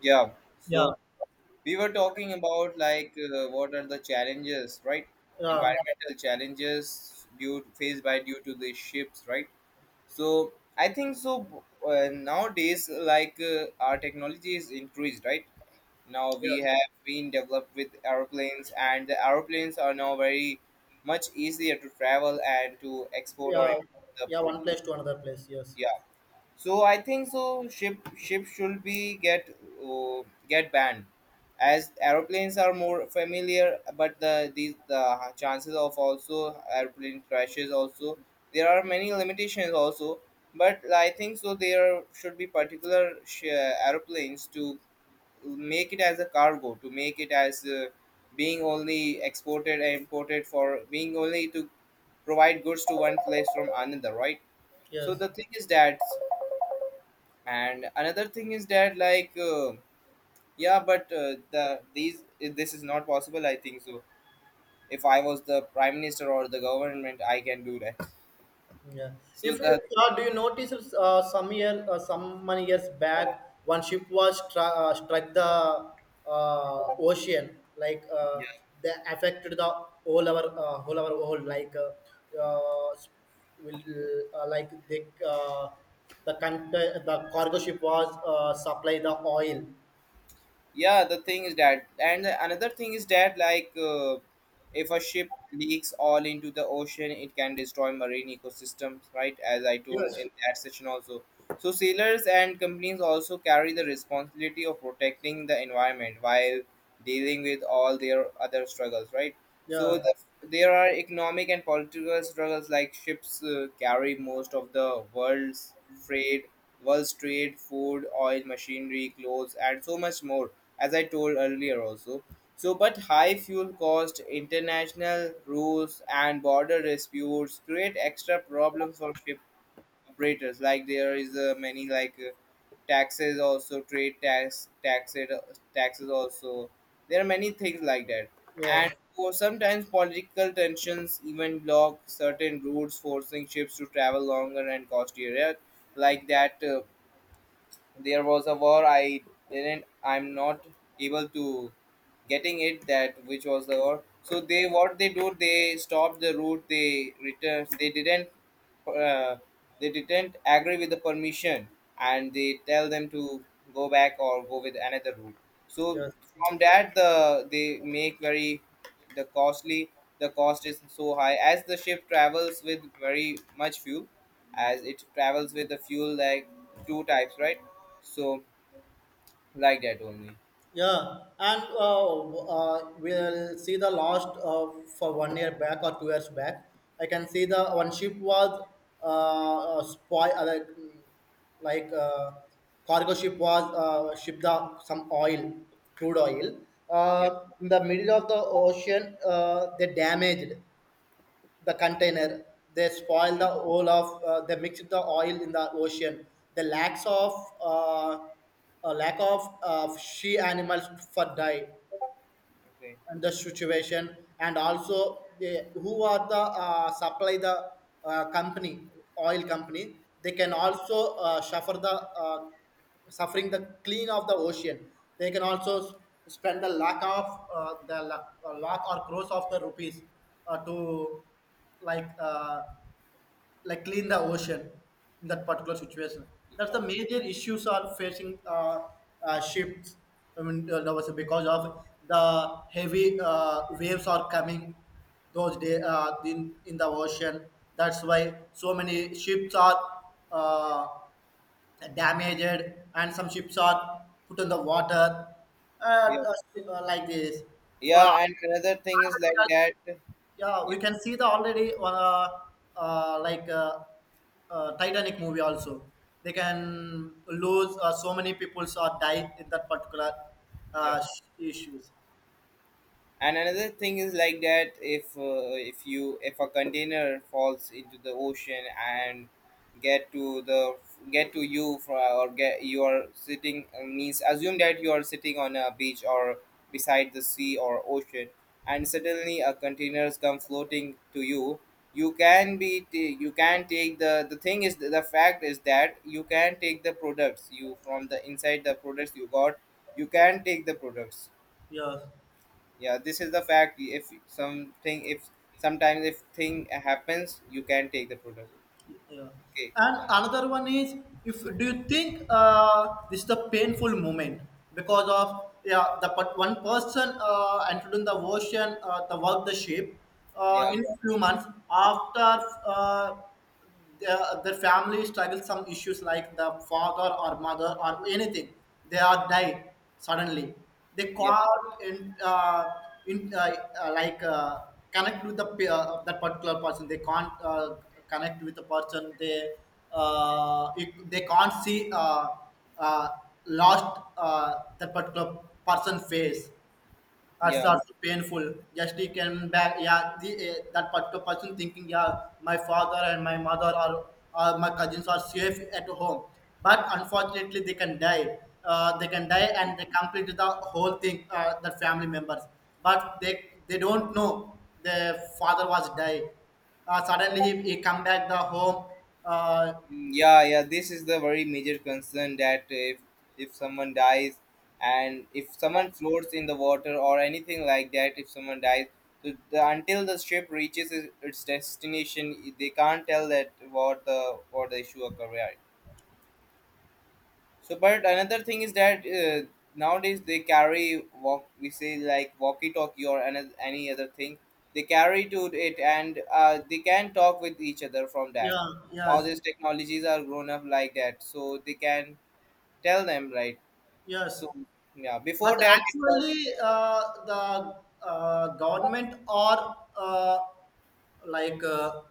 Yeah. So Yeah, we were talking about what are the challenges, right? yeah, Environmental challenges due faced by due to the ships, right? So I think so. Nowadays, our technology is increased, right? Now we yeah, have been developed with aeroplanes, and the aeroplanes are now very much easier to travel and to export or yeah, import the yeah. pro- One place to another place. Yes, yeah, so I think so. Ship should be uh, get banned, as aeroplanes are more familiar. But the chances of also aeroplane crashes also there are many limitations also. But I think so. There should be particular aeroplanes to make it as a cargo, to make it as being only exported and imported, for being only to provide goods to one place from another, right? So yes, the thing is that, and another thing is that yeah, but the these this is not possible, I think so. If I was the prime minister or the government, I can do that. yeah. So If you the, do you notice some many years back, one ship was struck the ocean, like they affected the whole like uh, will like the cargo ship was supply the oil. yeah, the thing is that, and another thing is that if a ship leaks all into the ocean, it can destroy marine ecosystems, right? As I told Yes, in that session also. So sailors and companies also carry the responsibility of protecting the environment while dealing with all their other struggles, right? So yeah, the, there are economic and political struggles. Like ships carry most of the world's trade, world's trade, food, oil, machinery, clothes, and so much more, as I told earlier also. So, but high fuel cost, international rules, and border disputes create extra problems for ship operators. Like there is many taxes also, trade tax, taxes, taxes also. There are many things like that, and yes, for sometimes political tensions even block certain routes, forcing ships to travel longer and costlier. Yeah. Like that. There was a war, I didn't, I'm not able to getting it that which was the war. So they, what they do, they stopped the route, they return. They didn't uh, they didn't agree with the permission, and they tell them to go back or go with another route. So yes. from that, the they make very the costly, the cost is so high, as the ship travels with very much fuel, as it travels with the fuel like two types, right? So like that only. Yeah, and we'll see the last for 1 year back or 2 years back. I can see the one ship was spoil like cargo ship was ship the some oil, crude oil. Yeah, In the middle of the ocean, they damaged the container, they spoil yeah, the whole of they mix the oil in the ocean, the lacks of uh, a lack of she animals for die, okay. and the situation. And also they who are the supply the company oil company, they can Yeah, also suffer the uh, suffering, the clean of the ocean. They can also spend the lack of lakh or crores of the rupees to like uh, like clean the ocean in that particular situation. That's the yeah, major issues are facing ships. I mean, that was because of the heavy waves are coming those day in the ocean. That's why so many ships are uh, damaged, and some ships are put in the water, uh, yeah. Like this. Well, Yeah, and another thing is like that. Yeah, yeah, we can see the already like Titanic movie also, they can lose so many peoples or die in that particular yeah, issues. and another thing is like that. If if you, if a container falls into the ocean and get to the, get to you for, or get, you are sitting means assume that you are sitting on a beach or beside the sea or ocean, and suddenly a containers come floating to you, you can be you can take the thing is, the fact is that you can take the products, you from the inside the products you got, you can take the products. Yeah, Yeah, this is the fact, if something, if sometimes, if thing happens, you can take the product. yeah. Okay. And another one is, if do you think this is a painful moment? Because of, yeah, one person entered in the ocean, the work the ship Yeah, in a few months after, uh, their family struggles some issues, like the father or mother or anything, they are died suddenly. They yeah, caught in like connect with the that particular person, they can't connect with the person. They they can't see, uh, lost that particular person face. That's yeah. also painful. Just he can back, yeah, that particular person thinking, yeah, my father and my mother, or my cousins are safe at home. But unfortunately, they can die. They can die and they complete the whole thing, the family members. But they don't know their father was died. Suddenly he come back the home. Uh, Mm, yeah, yeah, this is the very major concern that if someone dies, and if someone floats in the water or anything like that, if someone dies, so the, until the ship reaches its destination, they can't tell that what the, what the issue occurred. So, but another thing is that nowadays they carry walk. We say like walkie-talkie or any other thing. They carry to it, and they can talk with each other from that. yeah, Now yes, these technologies are grown up like that, so they can tell them, right. yes. So yeah, before But that it was, actually, the government or like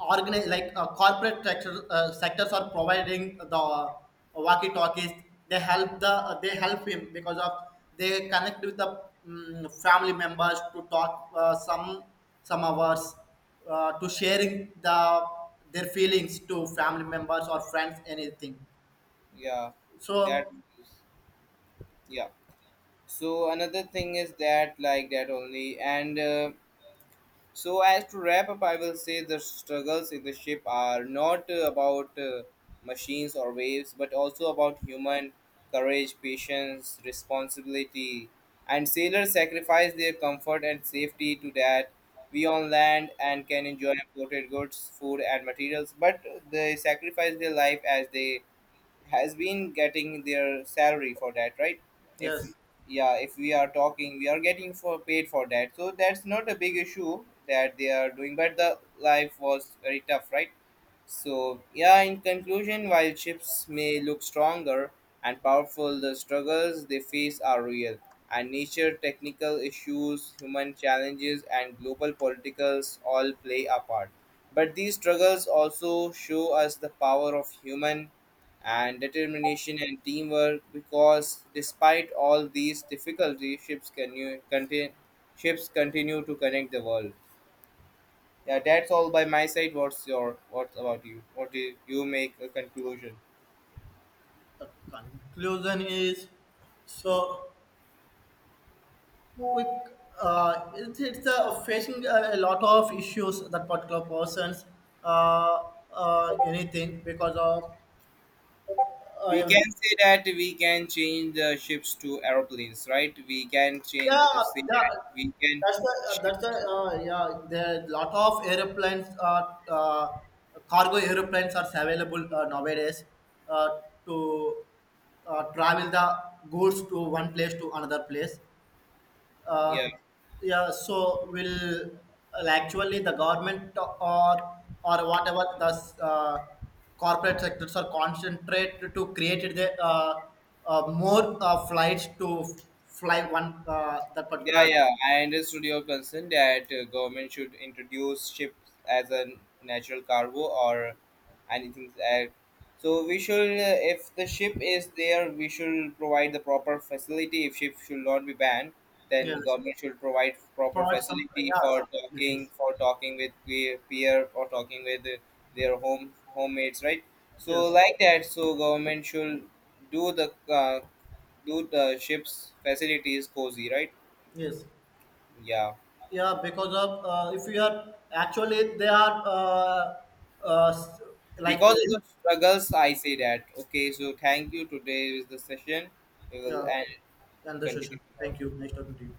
corporate sectors are providing the walkie talkies. They help him because of, they connect with the family members to talk some hours to sharing the, their feelings to family members or friends anything. yeah, that So, is- yeah. So another thing is that like that only and. So, as to wrap up, I will say the struggles in the ship are not about machines or waves, but also about human courage, patience, responsibility. And sailors sacrifice their comfort and safety to that we on land and can enjoy imported goods, food, and materials, but they sacrifice their life as they has been getting their salary for that, right? If, yes. yeah, if we are talking, we are getting for paid for that, so that's not a big issue that they are doing, but the life was very tough, right? So, yeah, in conclusion, while ships may look stronger and powerful, the struggles they face are real. And nature, technical issues, human challenges, and global politicals all play a part. But these struggles also show us the power of human and determination and teamwork, because despite all these difficulties, ships, can, continue, ships continue to connect the world. Yeah, that's all by my side. What's your, what's about you? What do you make a conclusion? The conclusion is so quick. It's facing a lot of issues, that particular persons uh, anything, because of We can everything. say that we can change the ships to aeroplanes, right? We can change, Yeah, say yeah, that we can that's the uh, that's the shift. uh, yeah. There are lot of cargo airplanes are available nowadays uh, to travel the goods to one place to another place. uh, Yeah. yeah, so will actually the government or whatever the uh, corporate sectors are concentrate to create the more flights to fly one that Yeah, particular. yeah. I understood your concern that government should introduce ships as a natural cargo or anything like. So we should, if the ship is there, we should provide the proper facility. If ship should not be banned, then the Yes, government should provide proper provide some, facility yeah, some facilities. for talking with peer, peer, or talking with their home homemates, right? So Yes, like that, so government should do the uh, do the ship's facilities cozy, right? yes. Yeah, Yeah, because of, if you are actually they are uh, s- like. because of the struggles, I say that. Okay, so thank you. Today is the session. We will Yeah, end, and the continue session, tomorrow. thank you, nice talking to you.